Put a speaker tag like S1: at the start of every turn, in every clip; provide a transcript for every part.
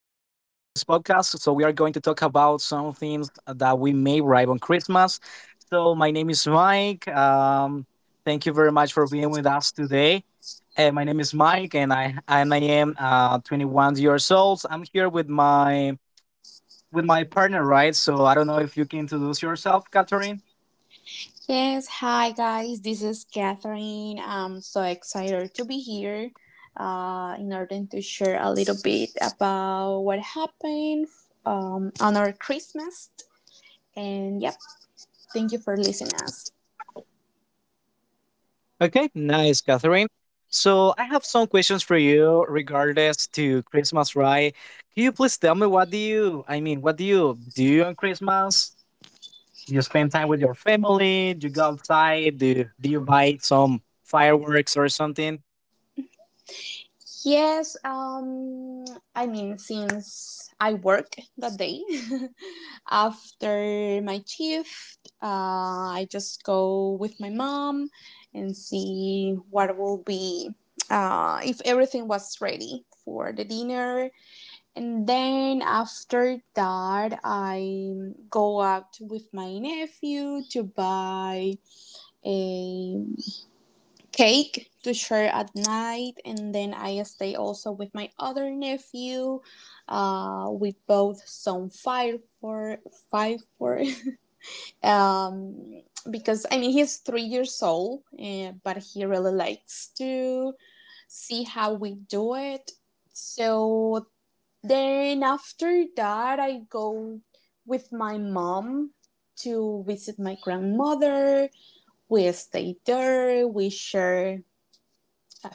S1: podcast. So, we are going to talk about some things that we may arrive on Christmas. So, my name is Mike. Thank you very much for being with us today. My name is Mike, and I am 21 years old. I'm here with my partner, right? So, I don't know if you can introduce yourself, Catherine.
S2: Yes, hi guys, this is Catherine. I'm so excited to be here in order to share a little bit about what happened on our Christmas. And yep, thank you for listening us.
S1: Okay, nice, Catherine. So I have some questions for you regardless to Christmas, right? Can you please tell me I mean, what do you do on Christmas? Do you spend time with your family? Do you go outside? Do you buy some fireworks or something?
S2: Yes, I mean, since I work that day after my shift, I just go with my mom and see what will be, if everything was ready for the dinner. And then after that, I go out with my nephew to buy a cake to share at night, and then I stay also with my other nephew. We both some fire for five for um because I mean he's 3 years old, but he really likes to see how we do it. So then after that, I go with my mom to visit my grandmother. We stay there. We share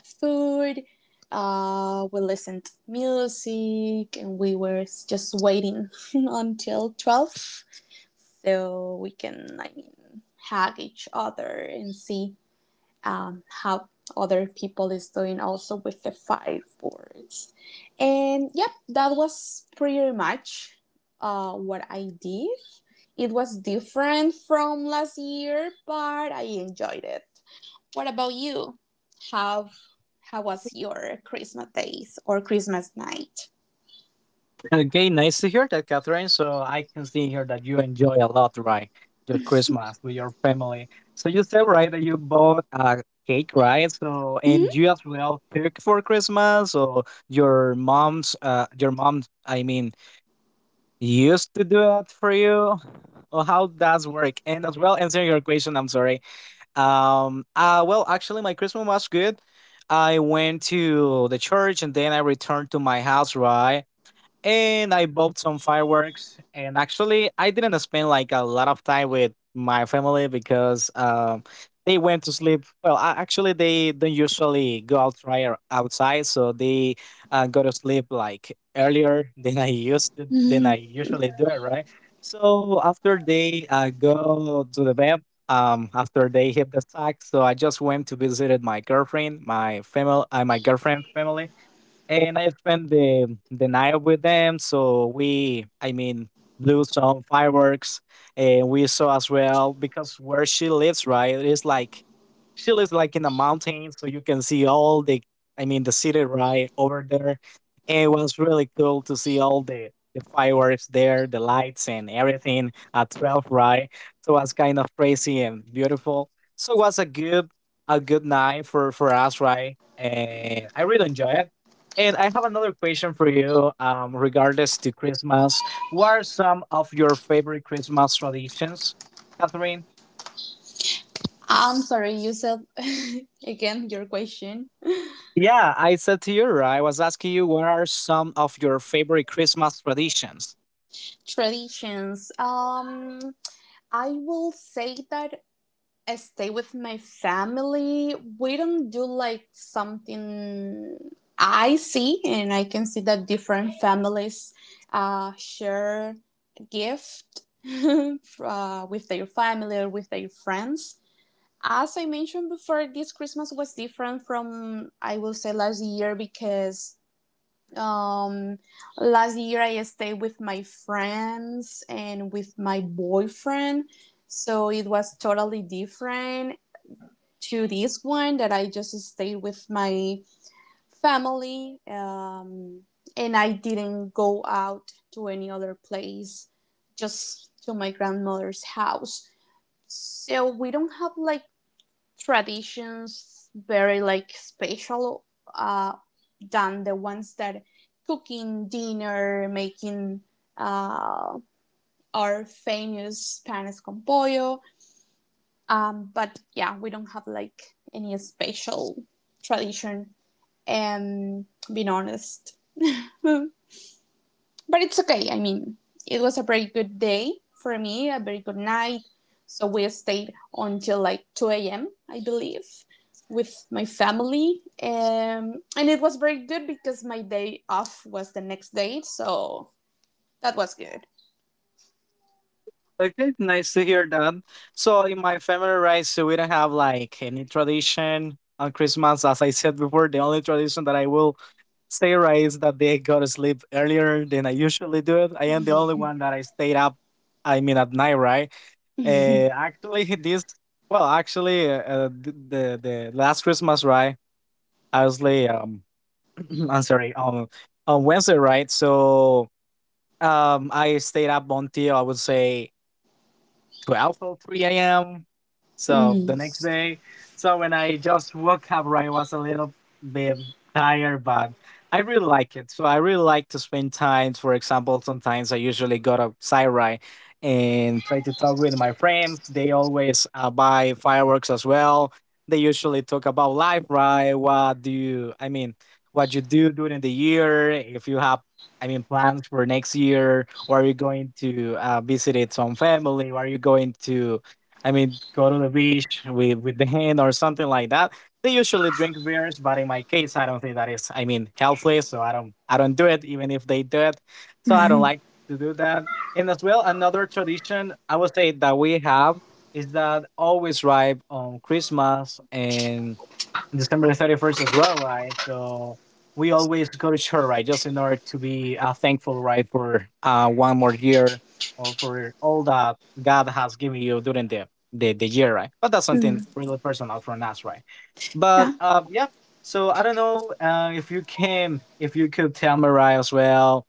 S2: food. We listened to music, and we were just waiting until 12, so we can, I mean, hug each other and see how other people is doing also with the five words. And yep, that was pretty much what I did. It was different from last year, but I enjoyed it. What about you? How how was your Christmas days or Christmas night?
S1: Okay, nice to hear that, Catherine. So I can see here that you enjoy a lot, right? Your Christmas with your family. So you said, right, that you bought a cake, right? So and you as well cook for Christmas, or your mom, I mean, used to do it for you. Or how does work? And as well, answering your question, I'm sorry. Well, actually, my Christmas was good. I went to the church and then I returned to my house, right? And I bought some fireworks. And actually, I didn't spend like a lot of time with my family because they went to sleep. Well, actually, they don't usually go out right or outside, so they go to sleep like earlier than I used to, than I
S2: hmm
S1: usually do it, right? So after they go to the bed. After they hit the sack, so I just went to visit my girlfriend's family, and I spent the night with them. So we, I mean, blew some fireworks, and we saw as well because where she lives, right, it's like she lives like in a mountain, so you can see all the, I mean, the city right over there, and it was really cool to see all the. The fireworks there, the lights and everything at 12, right? So it was kind of crazy and beautiful. So it was a good night for us, right? And I really enjoyed it. And I have another question for you, regardless to Christmas. What are some of your favorite Christmas traditions, Catherine?
S2: I'm sorry, you said again your question.
S1: Yeah, I said to you, right, I was asking you, what are some of your favorite Christmas traditions?
S2: Traditions. I will say that I stay with my family. We don't do like something I see, and I can see that different families share gift with their family or with their friends. As I mentioned before, this Christmas was different from, I will say, last year, because um last year I stayed with my friends and with my boyfriend, so it was totally different to this one, that I just stayed with my family and I didn't go out to any other place, just to my grandmother's house. So we don't have like traditions very like special uh, than the ones that cooking dinner, making uh, our famous panes con pollo. But yeah, we don't have like any special tradition. And being honest, but it's okay. I mean, it was a very good day for me, a very good night. So we stayed until like 2 a.m., I believe, with my family. And it was very good because my day off was the next day. So that was good.
S1: Okay, nice to hear that. So in my family, right, so we don't have like any tradition on Christmas. As I said before, the only tradition that I will say right is that they go to sleep earlier than I usually do it. I am the only one that I stayed up. I mean, at night, right? Actually, this well, actually, the last Christmas, right? Obviously, I'm sorry, on Wednesday, right? So, I stayed up until I would say 12 or 3 a.m. So the next
S2: Mm.
S1: day, so when I just woke up, right, I was a little bit tired, but I really like it. So I really like to spend time. For example, sometimes I usually go outside, right, and try to talk with my friends. They always buy fireworks as well. They usually talk about life, right? I mean, what you do during the year, if you have I mean, plans for next year? Or are you going to visit it some family? Or are you going to, I mean, go to the beach with the hen or something like that? They usually drink beers, but in my case, I don't think that is, I mean, healthy. So I don't do it, even if they do it. So I don't like to do that. And as well, another tradition I would say that we have is that always right on Christmas and December 31st as well, right? So we always go to church, right? Just in order to be thankful, right, for one more year or for all that God has given you during the year, right? But that's something
S2: Mm.
S1: really personal from us, right? But
S2: Yeah.
S1: yeah, so I don't know if you could tell me, right, as well,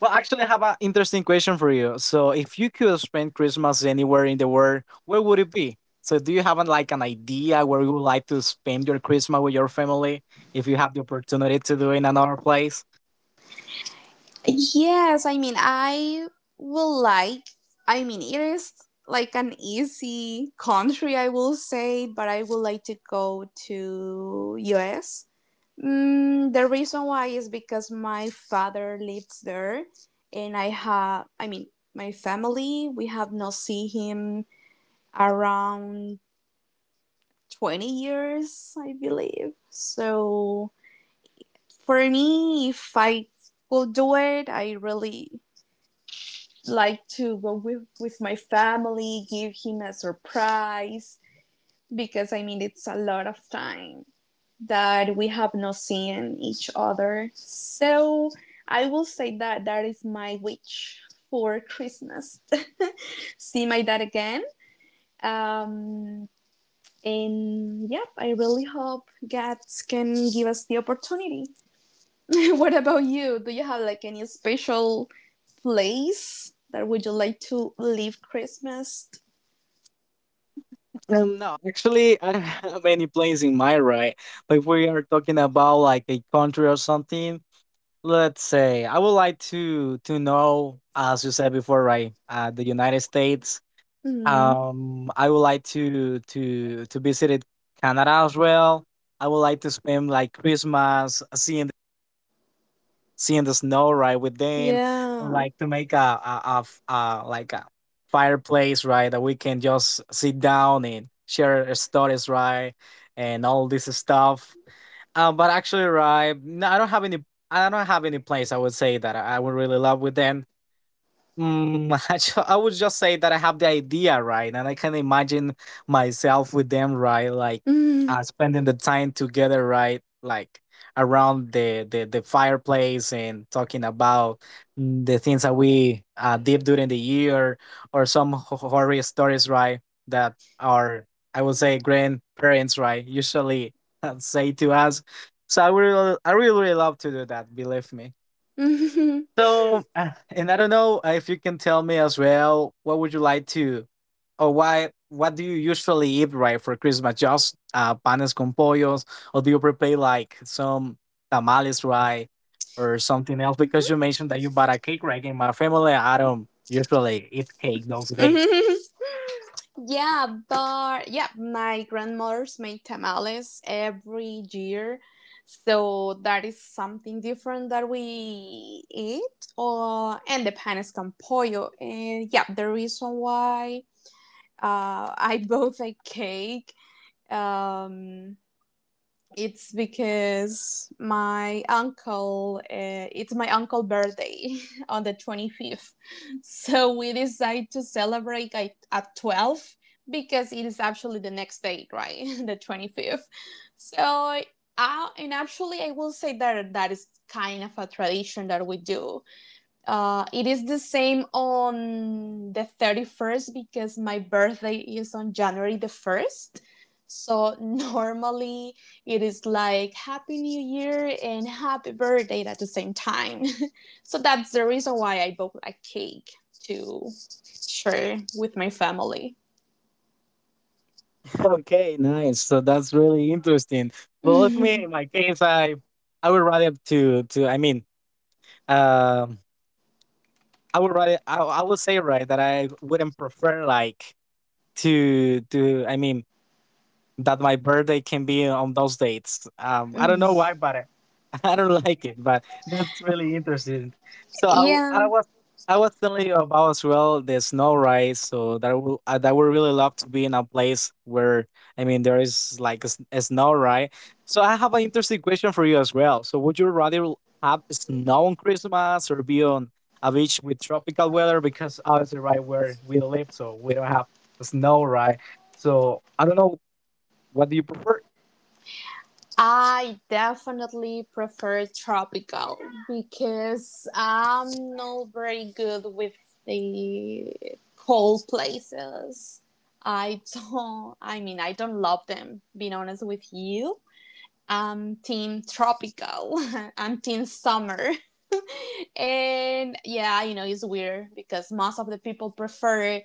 S1: well, actually, I have an interesting question for you. So, if you could spend Christmas anywhere in the world, where would it be? So, do you have like an idea where you would like to spend your Christmas with your family if you have the opportunity to do it in another place?
S2: Yes, I mean, I will like, I mean, it is like an easy country, I will say, but I would like to go to US. The reason why is because my father lives there, and I have, I mean, my family, we have not seen him around 20 years, I believe. So for me, if I will do it, I really like to go with, my family, give him a surprise, because I mean, it's a lot of time that we have not seen each other. So I will say that that is my wish for Christmas. See my dad again. Um, and yep, I really hope God can give us the opportunity. what about you? Do you have like any special place that would you like to live Christmas?
S1: No, actually, I don't have any place in my right. But if we are talking about like a country or something, let's say I would like to know, as you said before, right, the United States.
S2: Mm,
S1: I would like to visit Canada as well. I would like to spend like Christmas seeing the snow right with them. I would
S2: yeah.
S1: like to make like a fireplace right that we can just sit down and share our stories right and all this stuff. But actually, right, no, I don't have any. I don't have any place I would say that I would really love with them. I would just say that I have the idea, right? And I can imagine myself with them, right? Like
S2: Mm.
S1: spending the time together, right? Like around the fireplace and talking about the things that we did during the year or some horror stories, right? That our, I would say, grandparents, right? Usually say to us. So I really, really love to do that, believe me.
S2: Mm-hmm.
S1: So, and I don't know if you can tell me as well, what would you like to, or why, what do you usually eat, right, for Christmas? Just panes con pollos, or do you prepare like some tamales, right, or something else? Because you mentioned that you bought a cake, right? In my family, I don't usually eat cake those
S2: Mm-hmm.
S1: days.
S2: Mm-hmm. Yeah, but yeah, my grandmothers make tamales every year. So that is something different that we eat. Or and the pan is con pollo. And yeah, the reason why I bought a cake um, it's because my uncle, it's my uncle's birthday on the 25th. So we decide to celebrate at 12 because it is actually the next date, right? the 25th. So, I, and actually I will say that that is kind of a tradition that we do, it is the same on the 31st, because my birthday is on January the 1st. So normally it is like Happy New Year and Happy Birthday at the same time. so that's the reason why I bought a cake to share with my family.
S1: Okay, nice. So that's really interesting. But with me, in my case, I would rather I mean, um, I would rather I would say right that I wouldn't prefer like to I mean that my birthday can be on those dates. I don't know why, but I I don't like it. But that's really interesting. So I
S2: yeah.
S1: was telling you about as well the snow, right? So that would really love to be in a place where I mean there is like a snow, right? So I have an interesting question for you as well. So would you rather have snow on Christmas or be on a beach with tropical weather? Because obviously, right where we live, so we don't have snow, right? So I don't know what do you prefer?
S2: I definitely prefer tropical because I'm not very good with the cold places. I don't, I mean, I don't love them, being honest with you. I'm team tropical. I'm team summer. And yeah, it's weird because most of the people prefer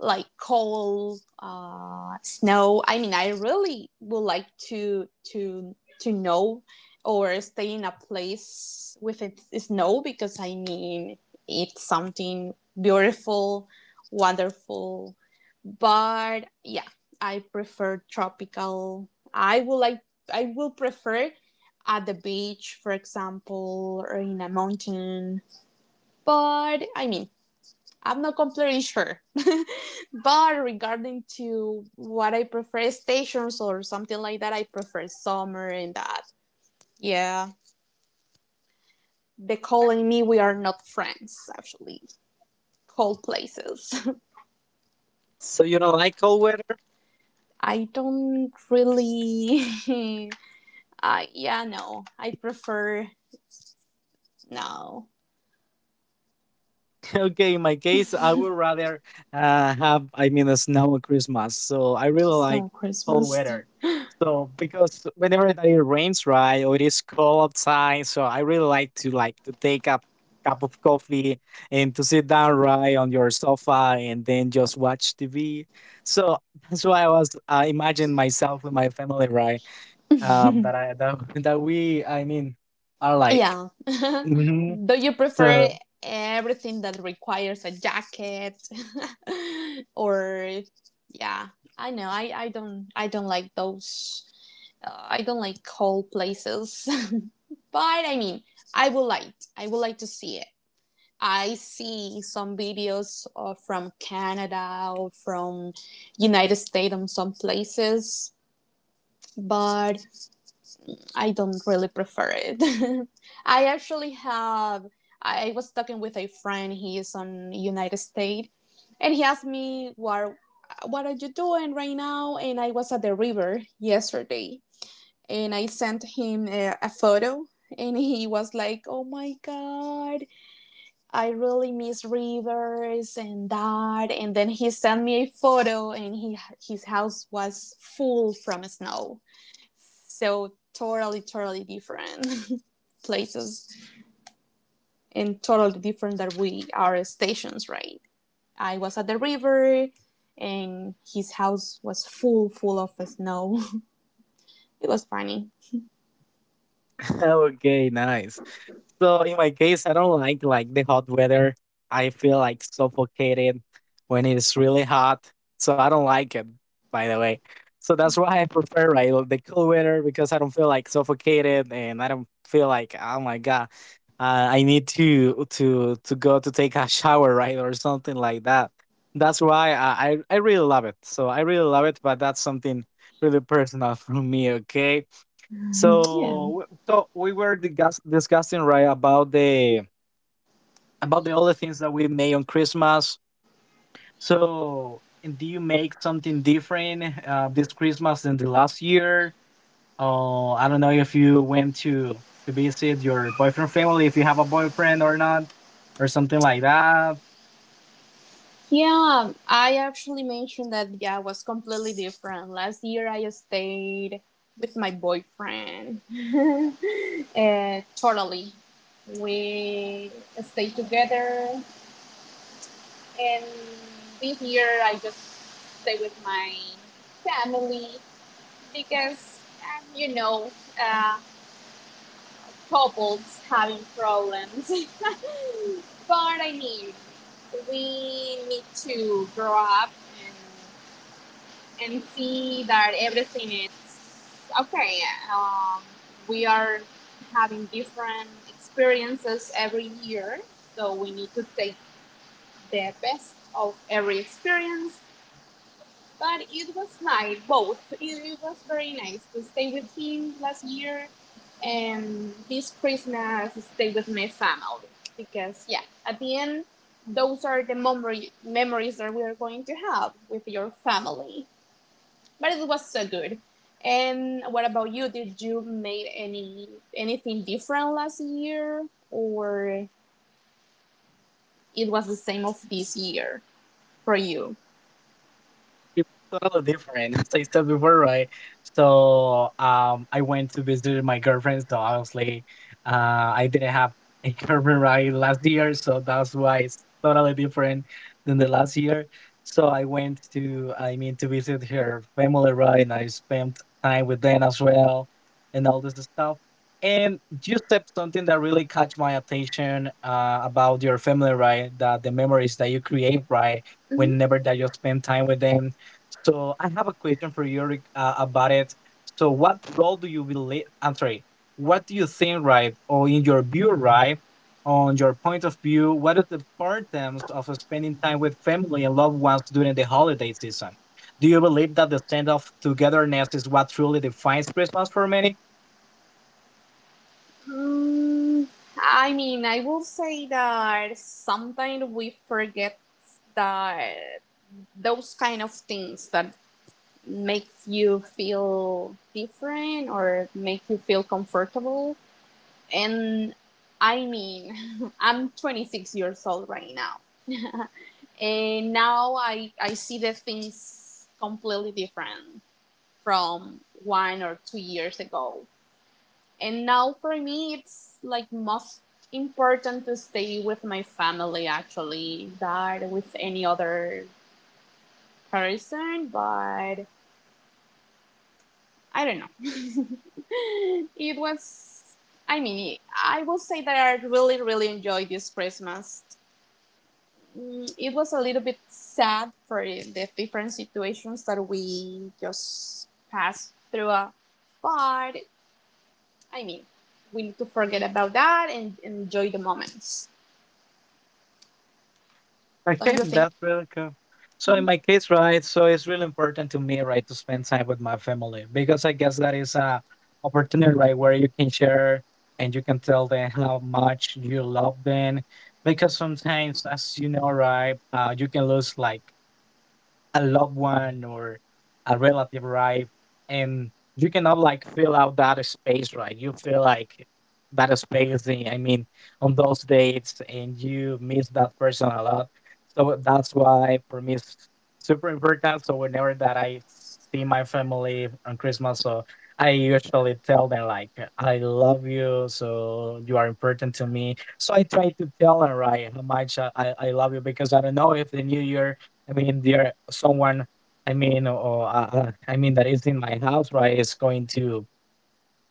S2: like cold, snow. I mean, I really would like to know or stay in a place with it, snow, because I mean, it's something beautiful, wonderful. But yeah, I prefer tropical. I would like, I will prefer at the beach, for example, or in a mountain, but I mean, I'm not completely sure. but regarding to what I prefer stations or something like that, I prefer summer and that. Yeah. The cold and me, we are not friends, actually. Cold places.
S1: So you don't like cold weather?
S2: I don't really, yeah, no. I prefer, no.
S1: Okay, in my case, I would rather have, I mean, a snow on Christmas. So I really
S2: It's
S1: like
S2: no
S1: cold
S2: Christmas.
S1: weather. So because whenever that it rains, right, or it is cold outside, so I really like to take a cup of coffee and to sit down right on your sofa and then just watch TV. So that's why I imagined myself with my family, right? Um, that I that, that we I mean are like.
S2: Yeah.
S1: Mm-hmm.
S2: Do you prefer
S1: So
S2: everything that requires a jacket? or yeah, I know. I don't like those. I don't like cold places. but I mean, I would like to see it. I see some videos from Canada or from United States on some places, but I don't really prefer it. I actually have. I was talking with a friend. He is on United States, and he asked me, what are you doing right now? And I was at the river yesterday, and I sent him a photo, and he was like, "Oh my God, I really miss rivers and that." And then he sent me a photo, and he his house was full from snow. So totally, totally different places, and totally different that we are stations, right? I was at the river and his house was full, full of snow. it was funny.
S1: okay, nice. So in my case, I don't like the hot weather. I feel like suffocated when it's really hot. So I don't like it, by the way. So that's why I prefer right the cool weather because I don't feel like suffocated and I don't feel like oh my god, I need to go to take a shower right or something like that. That's why I really love it. So I really love it, but that's something really personal for me. Okay.
S2: Yeah.
S1: So, so we were discussing right about the other things that we made on Christmas. So, and do you make something different this Christmas than the last year? Oh, I don't know if you went to visit your boyfriend family, if you have a boyfriend or not, or something like that.
S2: Yeah, I actually mentioned that, yeah, it was completely different. Last year I stayed with my boyfriend. Totally. We stayed together, and this year I just stay with my family, because uh, couples having problems. but I mean, we need to grow up and and see that everything is okay. Um, we are having different experiences every year, so we need to take the best of every experience. But it was nice, both. It was very nice to stay with him last year, and this Christmas stay with my family, because, yeah, at the end, those are the memories that we are going to have with your family. But it was so good. And what about you? Did you make anything different last year, or it was the same of this year for you?
S1: It's totally different, as I said before, right? So I went to visit my girlfriend. So obviously, I didn't have a girlfriend right last year, so that's why it's totally different than the last year. So I went to, I mean, to visit her family, right? And I spent time with them as well, and all this stuff. And you said something that really caught my attention about your family, right? That the memories that you create, right?
S2: Mm,
S1: Whenever that you spend time with them, so I have a question for you about it. So what role do you believe? I'm sorry. What do you think, right, or in your view, right, on your point of view, what is the importance of spending time with family and loved ones during the holiday season? Do you believe that the sense of togetherness is what truly defines Christmas for many?
S2: Mm, I mean, I will say that sometimes we forget that those kind of things that makes you feel different or make you feel comfortable. And I mean, I'm 26 years old right now. and now I see the things completely different from 1 or 2 years ago. And now for me, it's like most important to stay with my family actually than with any other person, but I don't know. it was, I mean, I will say that I really, really enjoyed this Christmas. It was a little bit sad for the different situations that we just passed through, but I mean, we need to forget about that and enjoy the moments. Don't
S1: Okay,
S2: you think?
S1: that's really cool. So
S2: Mm-hmm.
S1: in my case, right, so it's really important to me, right, to spend time with my family, because I guess that is a opportunity, right, where you can share and you can tell them how much you love them. Because sometimes, as you know, right, you can lose like a loved one or a relative, right? And you cannot like fill out that space, right? You feel like that space, I mean, on those dates, and you miss that person a lot. So that's why for me it's super important. So whenever that I see my family on Christmas, so I usually tell them like I love you, so you are important to me. So I try to tell them right how much I love you, because I don't know if the new year, I mean, there someone, I mean, or I mean, that is in my house, right? Is going to,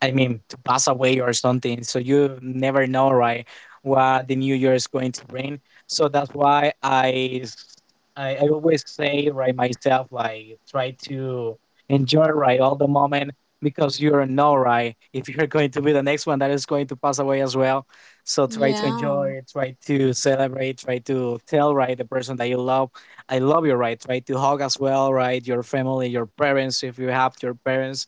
S1: I mean, to pass away or something. So you never know, right, what the new year is going to bring. So that's why I always say, right, myself, like, try to enjoy, right, all the moment, because you don't know, right, if you're going to be the next one that is going to pass away as well. So try to
S2: Yeah.
S1: enjoy, try to celebrate, try to tell, right, the person that you love, I love you, right? Try to hug as well, right? Your family, your parents, if you have your parents,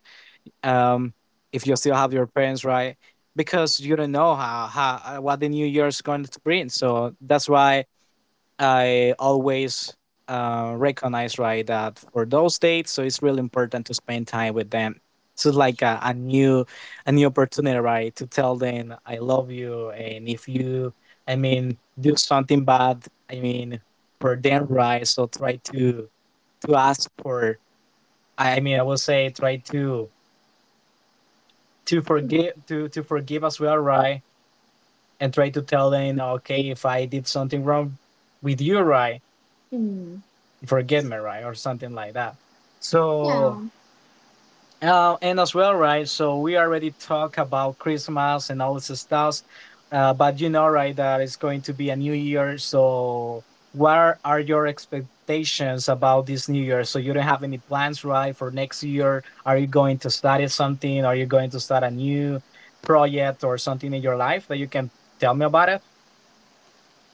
S1: um, if you still have your parents, right? Because you don't know how, what the new year is going to bring. So that's why I always recognize, right, that for those dates, so it's really important to spend time with them. So it's like a new opportunity, right, to tell them I love you, and if you, I mean, do something bad, I mean, for them, right? So try to ask for. I mean, I will say try to forgive, to forgive as well, right? And try to tell them, okay, if I did something wrong with you, right,
S2: Hmm.
S1: forget me, right, or something like that. So
S2: Yeah.
S1: and as well, right? So we already talk about Christmas and all this stuff, but you know, right, that it's going to be a new year. So what are your expectations about this new year? So you don't have any plans, right, for next year? Are you going to study something? Are you going to start a new project or something in your life that you can tell me about it?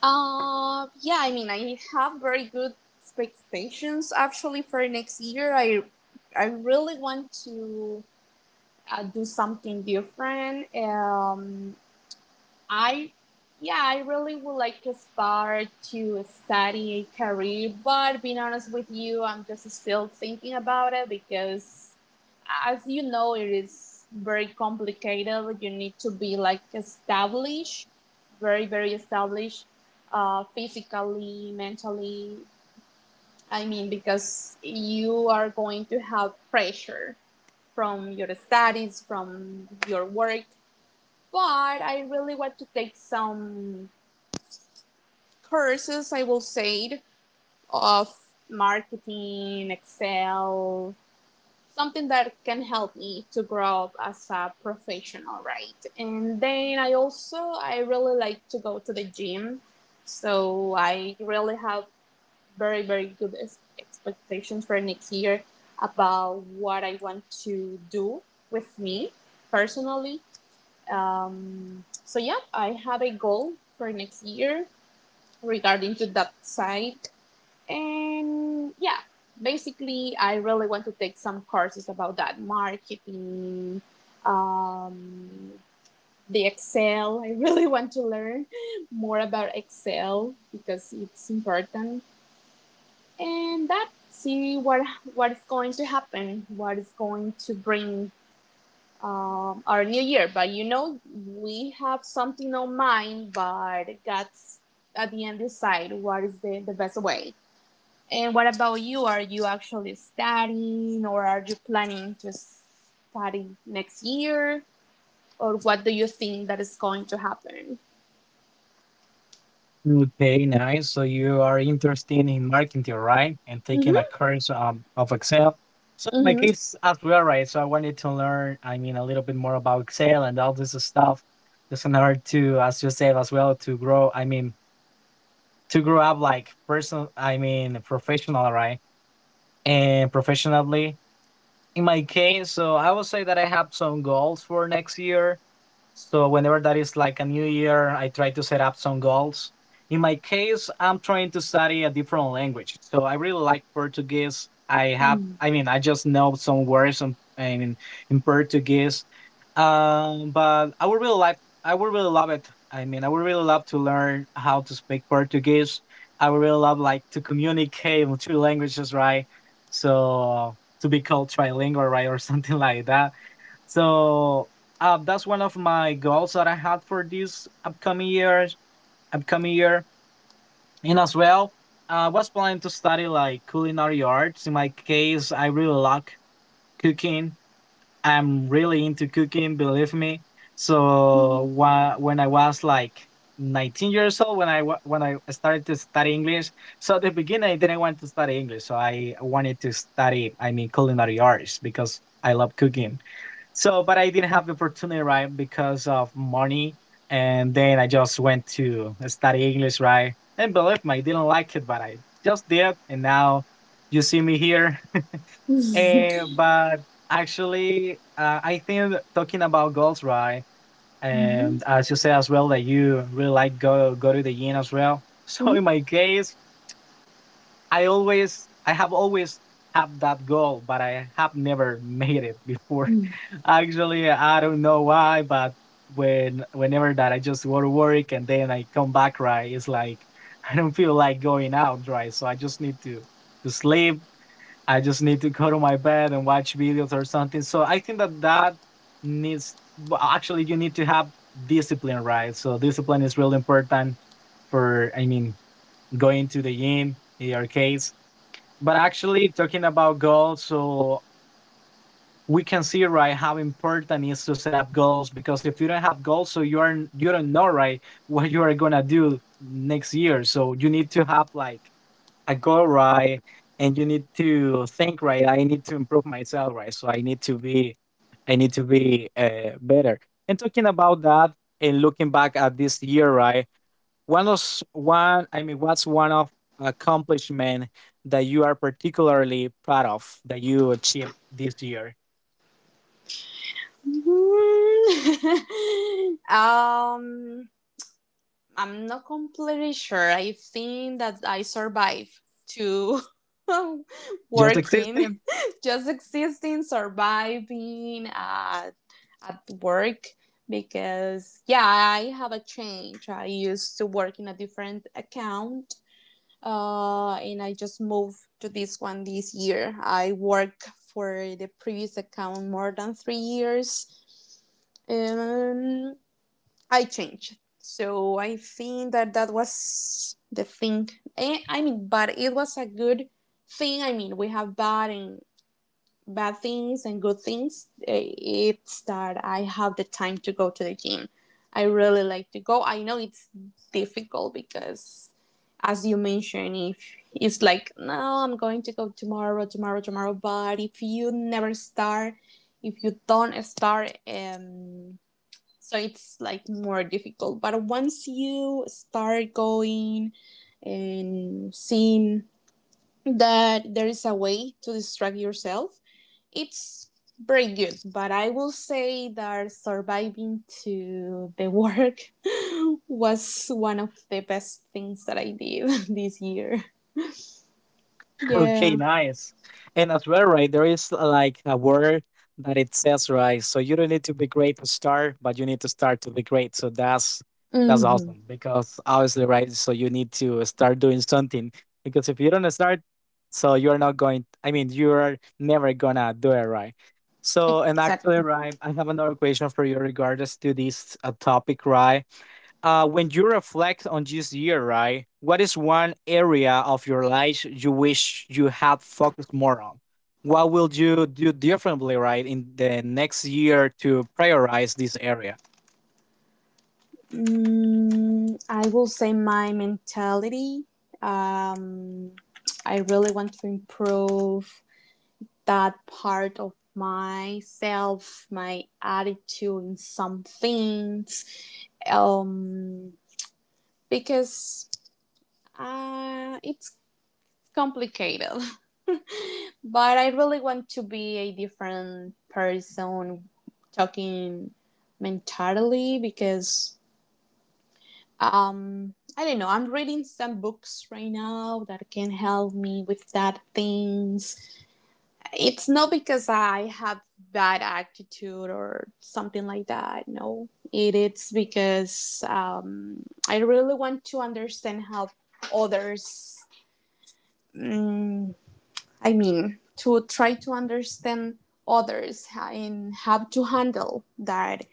S2: Yeah, I mean, I have very good expectations actually for next year. I really want to do something different. I, yeah, I really would like to start to study a career, but being honest with you, I'm just still thinking about it because, as you know, it is very complicated. You need to be like established, very, very established, physically, mentally. I mean, because you are going to have pressure from your studies, from your work. But I really want to take some courses, I will say, of marketing, Excel, something that can help me to grow up as a professional, right? And then I also, I really like to go to the gym. So I really have very, very good expectations for next year about what I want to do with me personally. So yeah, I have a goal for next year regarding to that side. And yeah, basically I really want to take some courses about that marketing, um, the Excel. I really want to learn more about Excel because it's important. And that, see what is going to happen, what is going to bring our new year. But you know, we have something on mind, but God's at the end decide what is the best way. And what about you? Are you actually studying, or are you planning to study next year? Or what do you think that is going to happen?
S1: Okay, nice. So you are interested in marketing, right? And taking a
S2: Mm-hmm.
S1: course, of Excel. So in my case as well, right? So I wanted to learn, I mean, a little bit more about Excel and all this stuff, just in order to, as you said as well, to grow. I mean, to grow up like person, I mean, professional, right? And professionally, in my case, so I would say that I have some goals for next year. So whenever that is like a new year, I try to set up some goals. In my case, I'm trying to study a different language. So I really like Portuguese. I have,
S2: Mm-hmm.
S1: I mean, I just know some words in Portuguese. But I would really like, I would really love it. I mean, I would really love to learn how to speak Portuguese. I would really love like to communicate with two languages, right? So to be called trilingual, right, or something like that. So that's one of my goals that I had for this upcoming year, and as well, I was planning to study like culinary arts. In my case, I really like cooking. I'm really into cooking, believe me. So
S2: Mm-hmm.
S1: when I was like 19 years old, when I started to study English, so at the beginning I didn't want to study English. So I wanted to study, I mean, culinary arts, because I love cooking. So, but I didn't have the opportunity, right, because of money. And then I just went to study English, right? And believe me, I didn't like it, but I just did. And now you see me here.
S2: Mm-hmm.
S1: And, but actually, I think that talking about goals, right?
S2: Mm-hmm.
S1: And as you say as well, that you really like go to the gym as well. So in my case, I always I have always have that goal, but I have never made it before.
S2: Mm-hmm.
S1: Actually, I don't know why, but whenever that I just go to work and then I come back, right, it's like I don't feel like going out, right? So I just need to sleep. I just need to go to my bed and watch videos or something. So I think that that needs well, actually you need to have discipline, right? So discipline is really important for, I mean, going to the gym in your case. But actually, talking about goals, so we can see right how important it is to set up goals, because if you don't have goals, so you don't know right what you are gonna do next year. So you need to have like a goal, right, and you need to think right. I need to improve myself right, so I need to be I need to be better. And talking about that and looking back at this year right, one of I mean, what's one of accomplishment that you are particularly proud of that you achieved this year?
S2: um I'm not completely sure. I think that I survived to
S1: Just
S2: working,
S1: existing.
S2: just existing, surviving at work because yeah, I have a change. I used to work in a different account and I just moved to this one this year. I work for the previous account more than 3 years. Um, I changed. So I think that that was the thing. I mean, but it was a good thing. I mean, we have bad and bad things and good things. It's that I have the time to go to the gym. I really like to go. I know it's difficult because, as you mentioned, if it's like, no, I'm going to go tomorrow, tomorrow, tomorrow. But if you never start, if you don't start, so it's like more difficult. But once you start going and seeing that there is a way to distract yourself, it's very good. But I will say that surviving to the work was one of the best things that I did this year.
S1: Okay,
S2: Yeah.
S1: nice. And as well, right, there is like a word that it says, right? So you don't need to be great to start, but you need to start to be great. So that's
S2: Mm-hmm.
S1: awesome, because obviously, right? So you need to start doing something, because if you don't start, so you're not going. I mean, you're never gonna do it, right? So, and actually,
S2: Exactly.
S1: right, I have another question for you regards to this topic, right? When you reflect on this year, right, what is one area of your life you wish you had focused more on? What will you do differently, right, in the next year to prioritize this area?
S2: Mm, I will say my mentality. Um, I really want to improve that part of myself, my attitude in some things, um, because it's complicated. But I really want to be a different person talking mentally because I don't know. I'm reading some books right now that can help me with that things. It's not because I have bad attitude or something like that. No, it is because I really want to understand how others. Mm, I mean, to try to understand others and how to handle that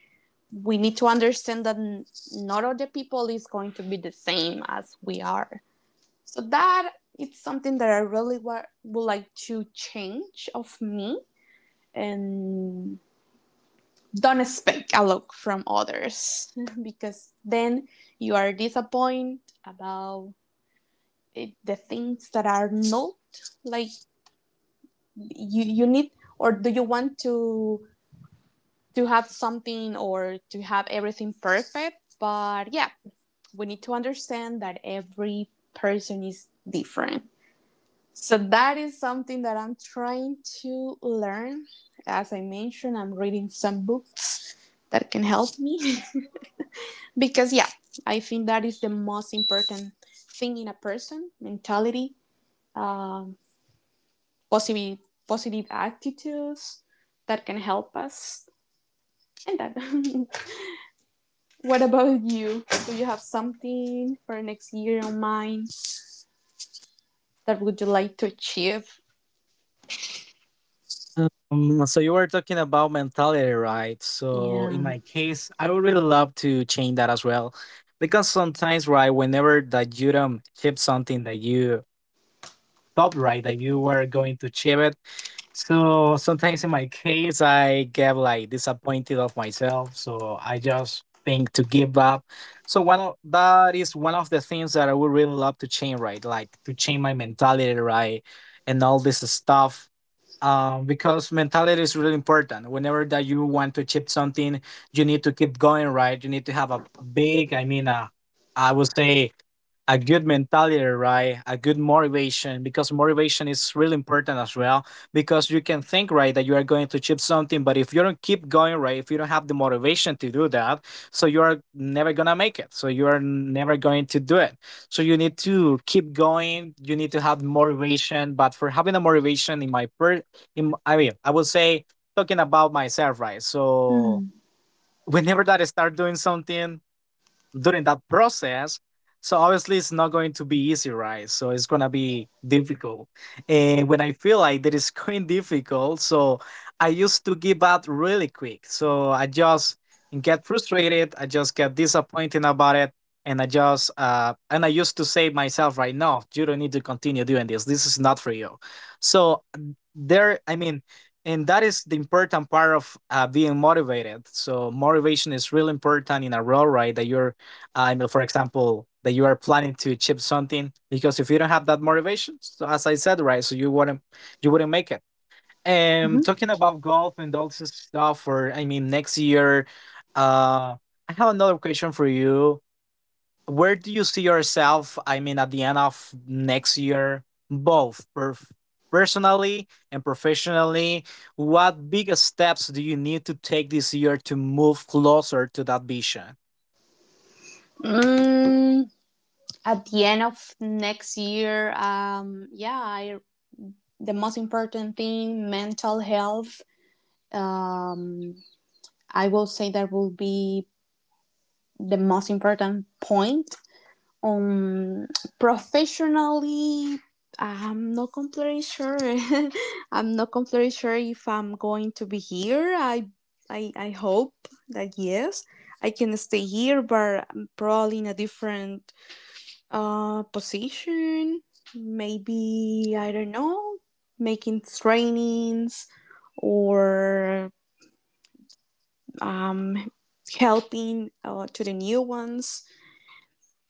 S2: we need to understand that not all the people is going to be the same as we are. So that it's something that I really would like to change of me and don't expect a look from others because then you are disappointed about it, the things that are not like you need, or do you want to have something or to have everything perfect. But yeah, we need to understand that every person is different. So that is something that I'm trying to learn. As I mentioned, I'm reading some books that can help me. Because, yeah, I think that is the most important thing in a person mentality, um, positive, positive attitudes that can help us. And that. What about you? Do you have something for next year on mind that would you like to achieve?
S1: So you were talking about mentality, right? So in
S2: Yeah.
S1: my case, I would really love to change that as well, because sometimes, right, whenever that you don't achieve something that you thought, right, that you were going to achieve it, so sometimes in my case, I get like disappointed of myself. So I just think to give up. So one of that is one of the things that I would really love to change, right? Like to change my mentality, right? And all this stuff. Because mentality is really important. Whenever that you want to achieve something, you need to keep going, right? You need to have a big, I mean, I would say a good mentality, right? A good motivation, because motivation is really important as well, because you can think right that you are going to achieve something, but if you don't keep going right, if you don't have the motivation to do that, so you are never going to make it, so you are never going to do it, so you need to keep going, you need to have motivation. But for having a motivation in my per, in I mean, I would say talking about myself right, so
S2: Hmm.
S1: whenever that I start doing something during that process. So obviously it's not going to be easy, right? So it's gonna be difficult. And when I feel like that is going difficult, so I used to give up really quick. So I just get frustrated, I just get disappointed about it. And I used to say myself right, no, you don't need to continue doing this. This is not for you. So there, I mean, and that is the important part of being motivated, so motivation is really important in a role right, that you're, I mean, for example, that you are planning to achieve something, because if you don't have that motivation, so as I said, right, so you wouldn't make it.
S2: Mm-hmm.
S1: And talking about golf and all this stuff, or I mean, next year, uh, I have another question for you. Where do you see yourself? I mean, at the end of next year, both personally and professionally, what big steps do you need to take this year to move closer to that vision?
S2: Mm, at the end of next year, yeah, the most important thing, mental health. Um, I will say that will be the most important point. Um, professionally, I'm not completely sure. I'm not completely sure if I'm going to be here. I hope that yes, I can stay here, but probably in a different position, maybe, I don't know, making trainings or um, helping to the new ones.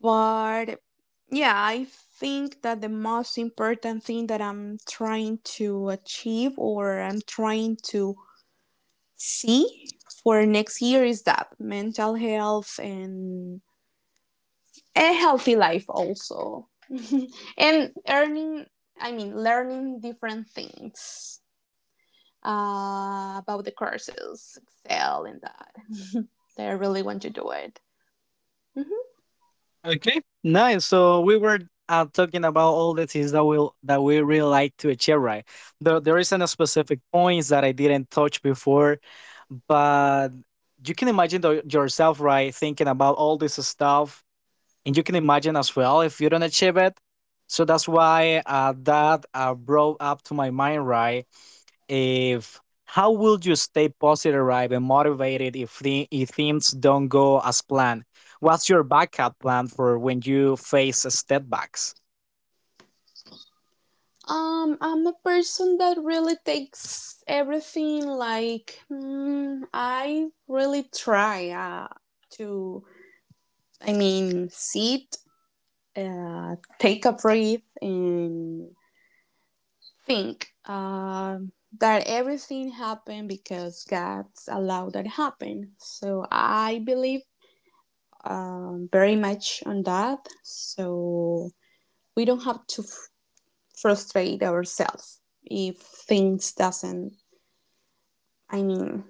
S2: But yeah, I think that the most important thing that I'm trying to achieve or I'm trying to see for next year is that mental health and a healthy life also. And earning, I mean learning different things about the courses excel and that I really want to do it. Mhm.
S1: Okay, nice. So we were talking about all the things that we really like to achieve, right? There isn't a specific points that I didn't touch before, but you can imagine yourself, right, thinking about all this stuff, and you can imagine as well if you don't achieve it. So that's why that brought up to my mind, right? If how will you stay positive, right, and motivated if things don't go as planned? What's your backup plan for when you face setbacks?
S2: I'm a person that really takes everything like mm, I really try to, I mean, sit take a breath and think that everything happened because God allowed that happen. So I believe very much on that. So we don't have to frustrate ourselves if things doesn't. I mean,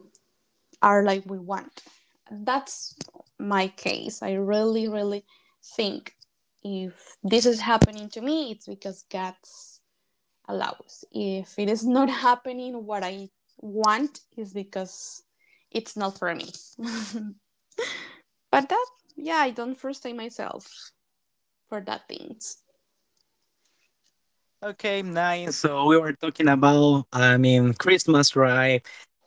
S2: are like we want. That's my case. I really, really think if this is happening to me, it's because God's allows. If it is not happening what I want is because it's not for me. But that yeah, I don't frustrate myself for that things.
S1: Okay, nice. So we were talking about, I mean, Christmas, right?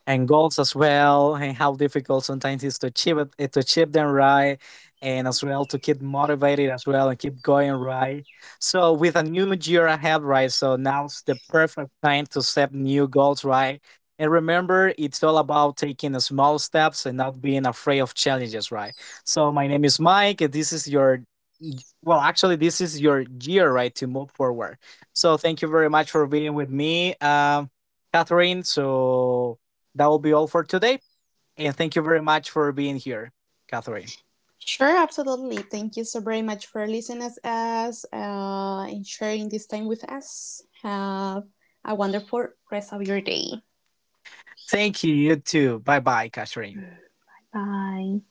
S1: And goals as well, and how difficult sometimes is to achieve it, to achieve them, right? And as well to keep motivated as well and keep going, right? So with a new year ahead, right? So now's the perfect time to set new goals, right? And remember, it's all about taking the small steps and not being afraid of challenges, right? So my name is Mike, and this is your, well, actually, this is your year, right, to move forward. So thank you very much for being with me, Catherine. So that will be all for today. And thank you very much for being here, Catherine.
S2: Sure, absolutely. Thank you so very much for listening to us and sharing this time with us. Have a wonderful rest of your day.
S1: Thank you, you too. Bye bye, Catherine.
S2: Bye.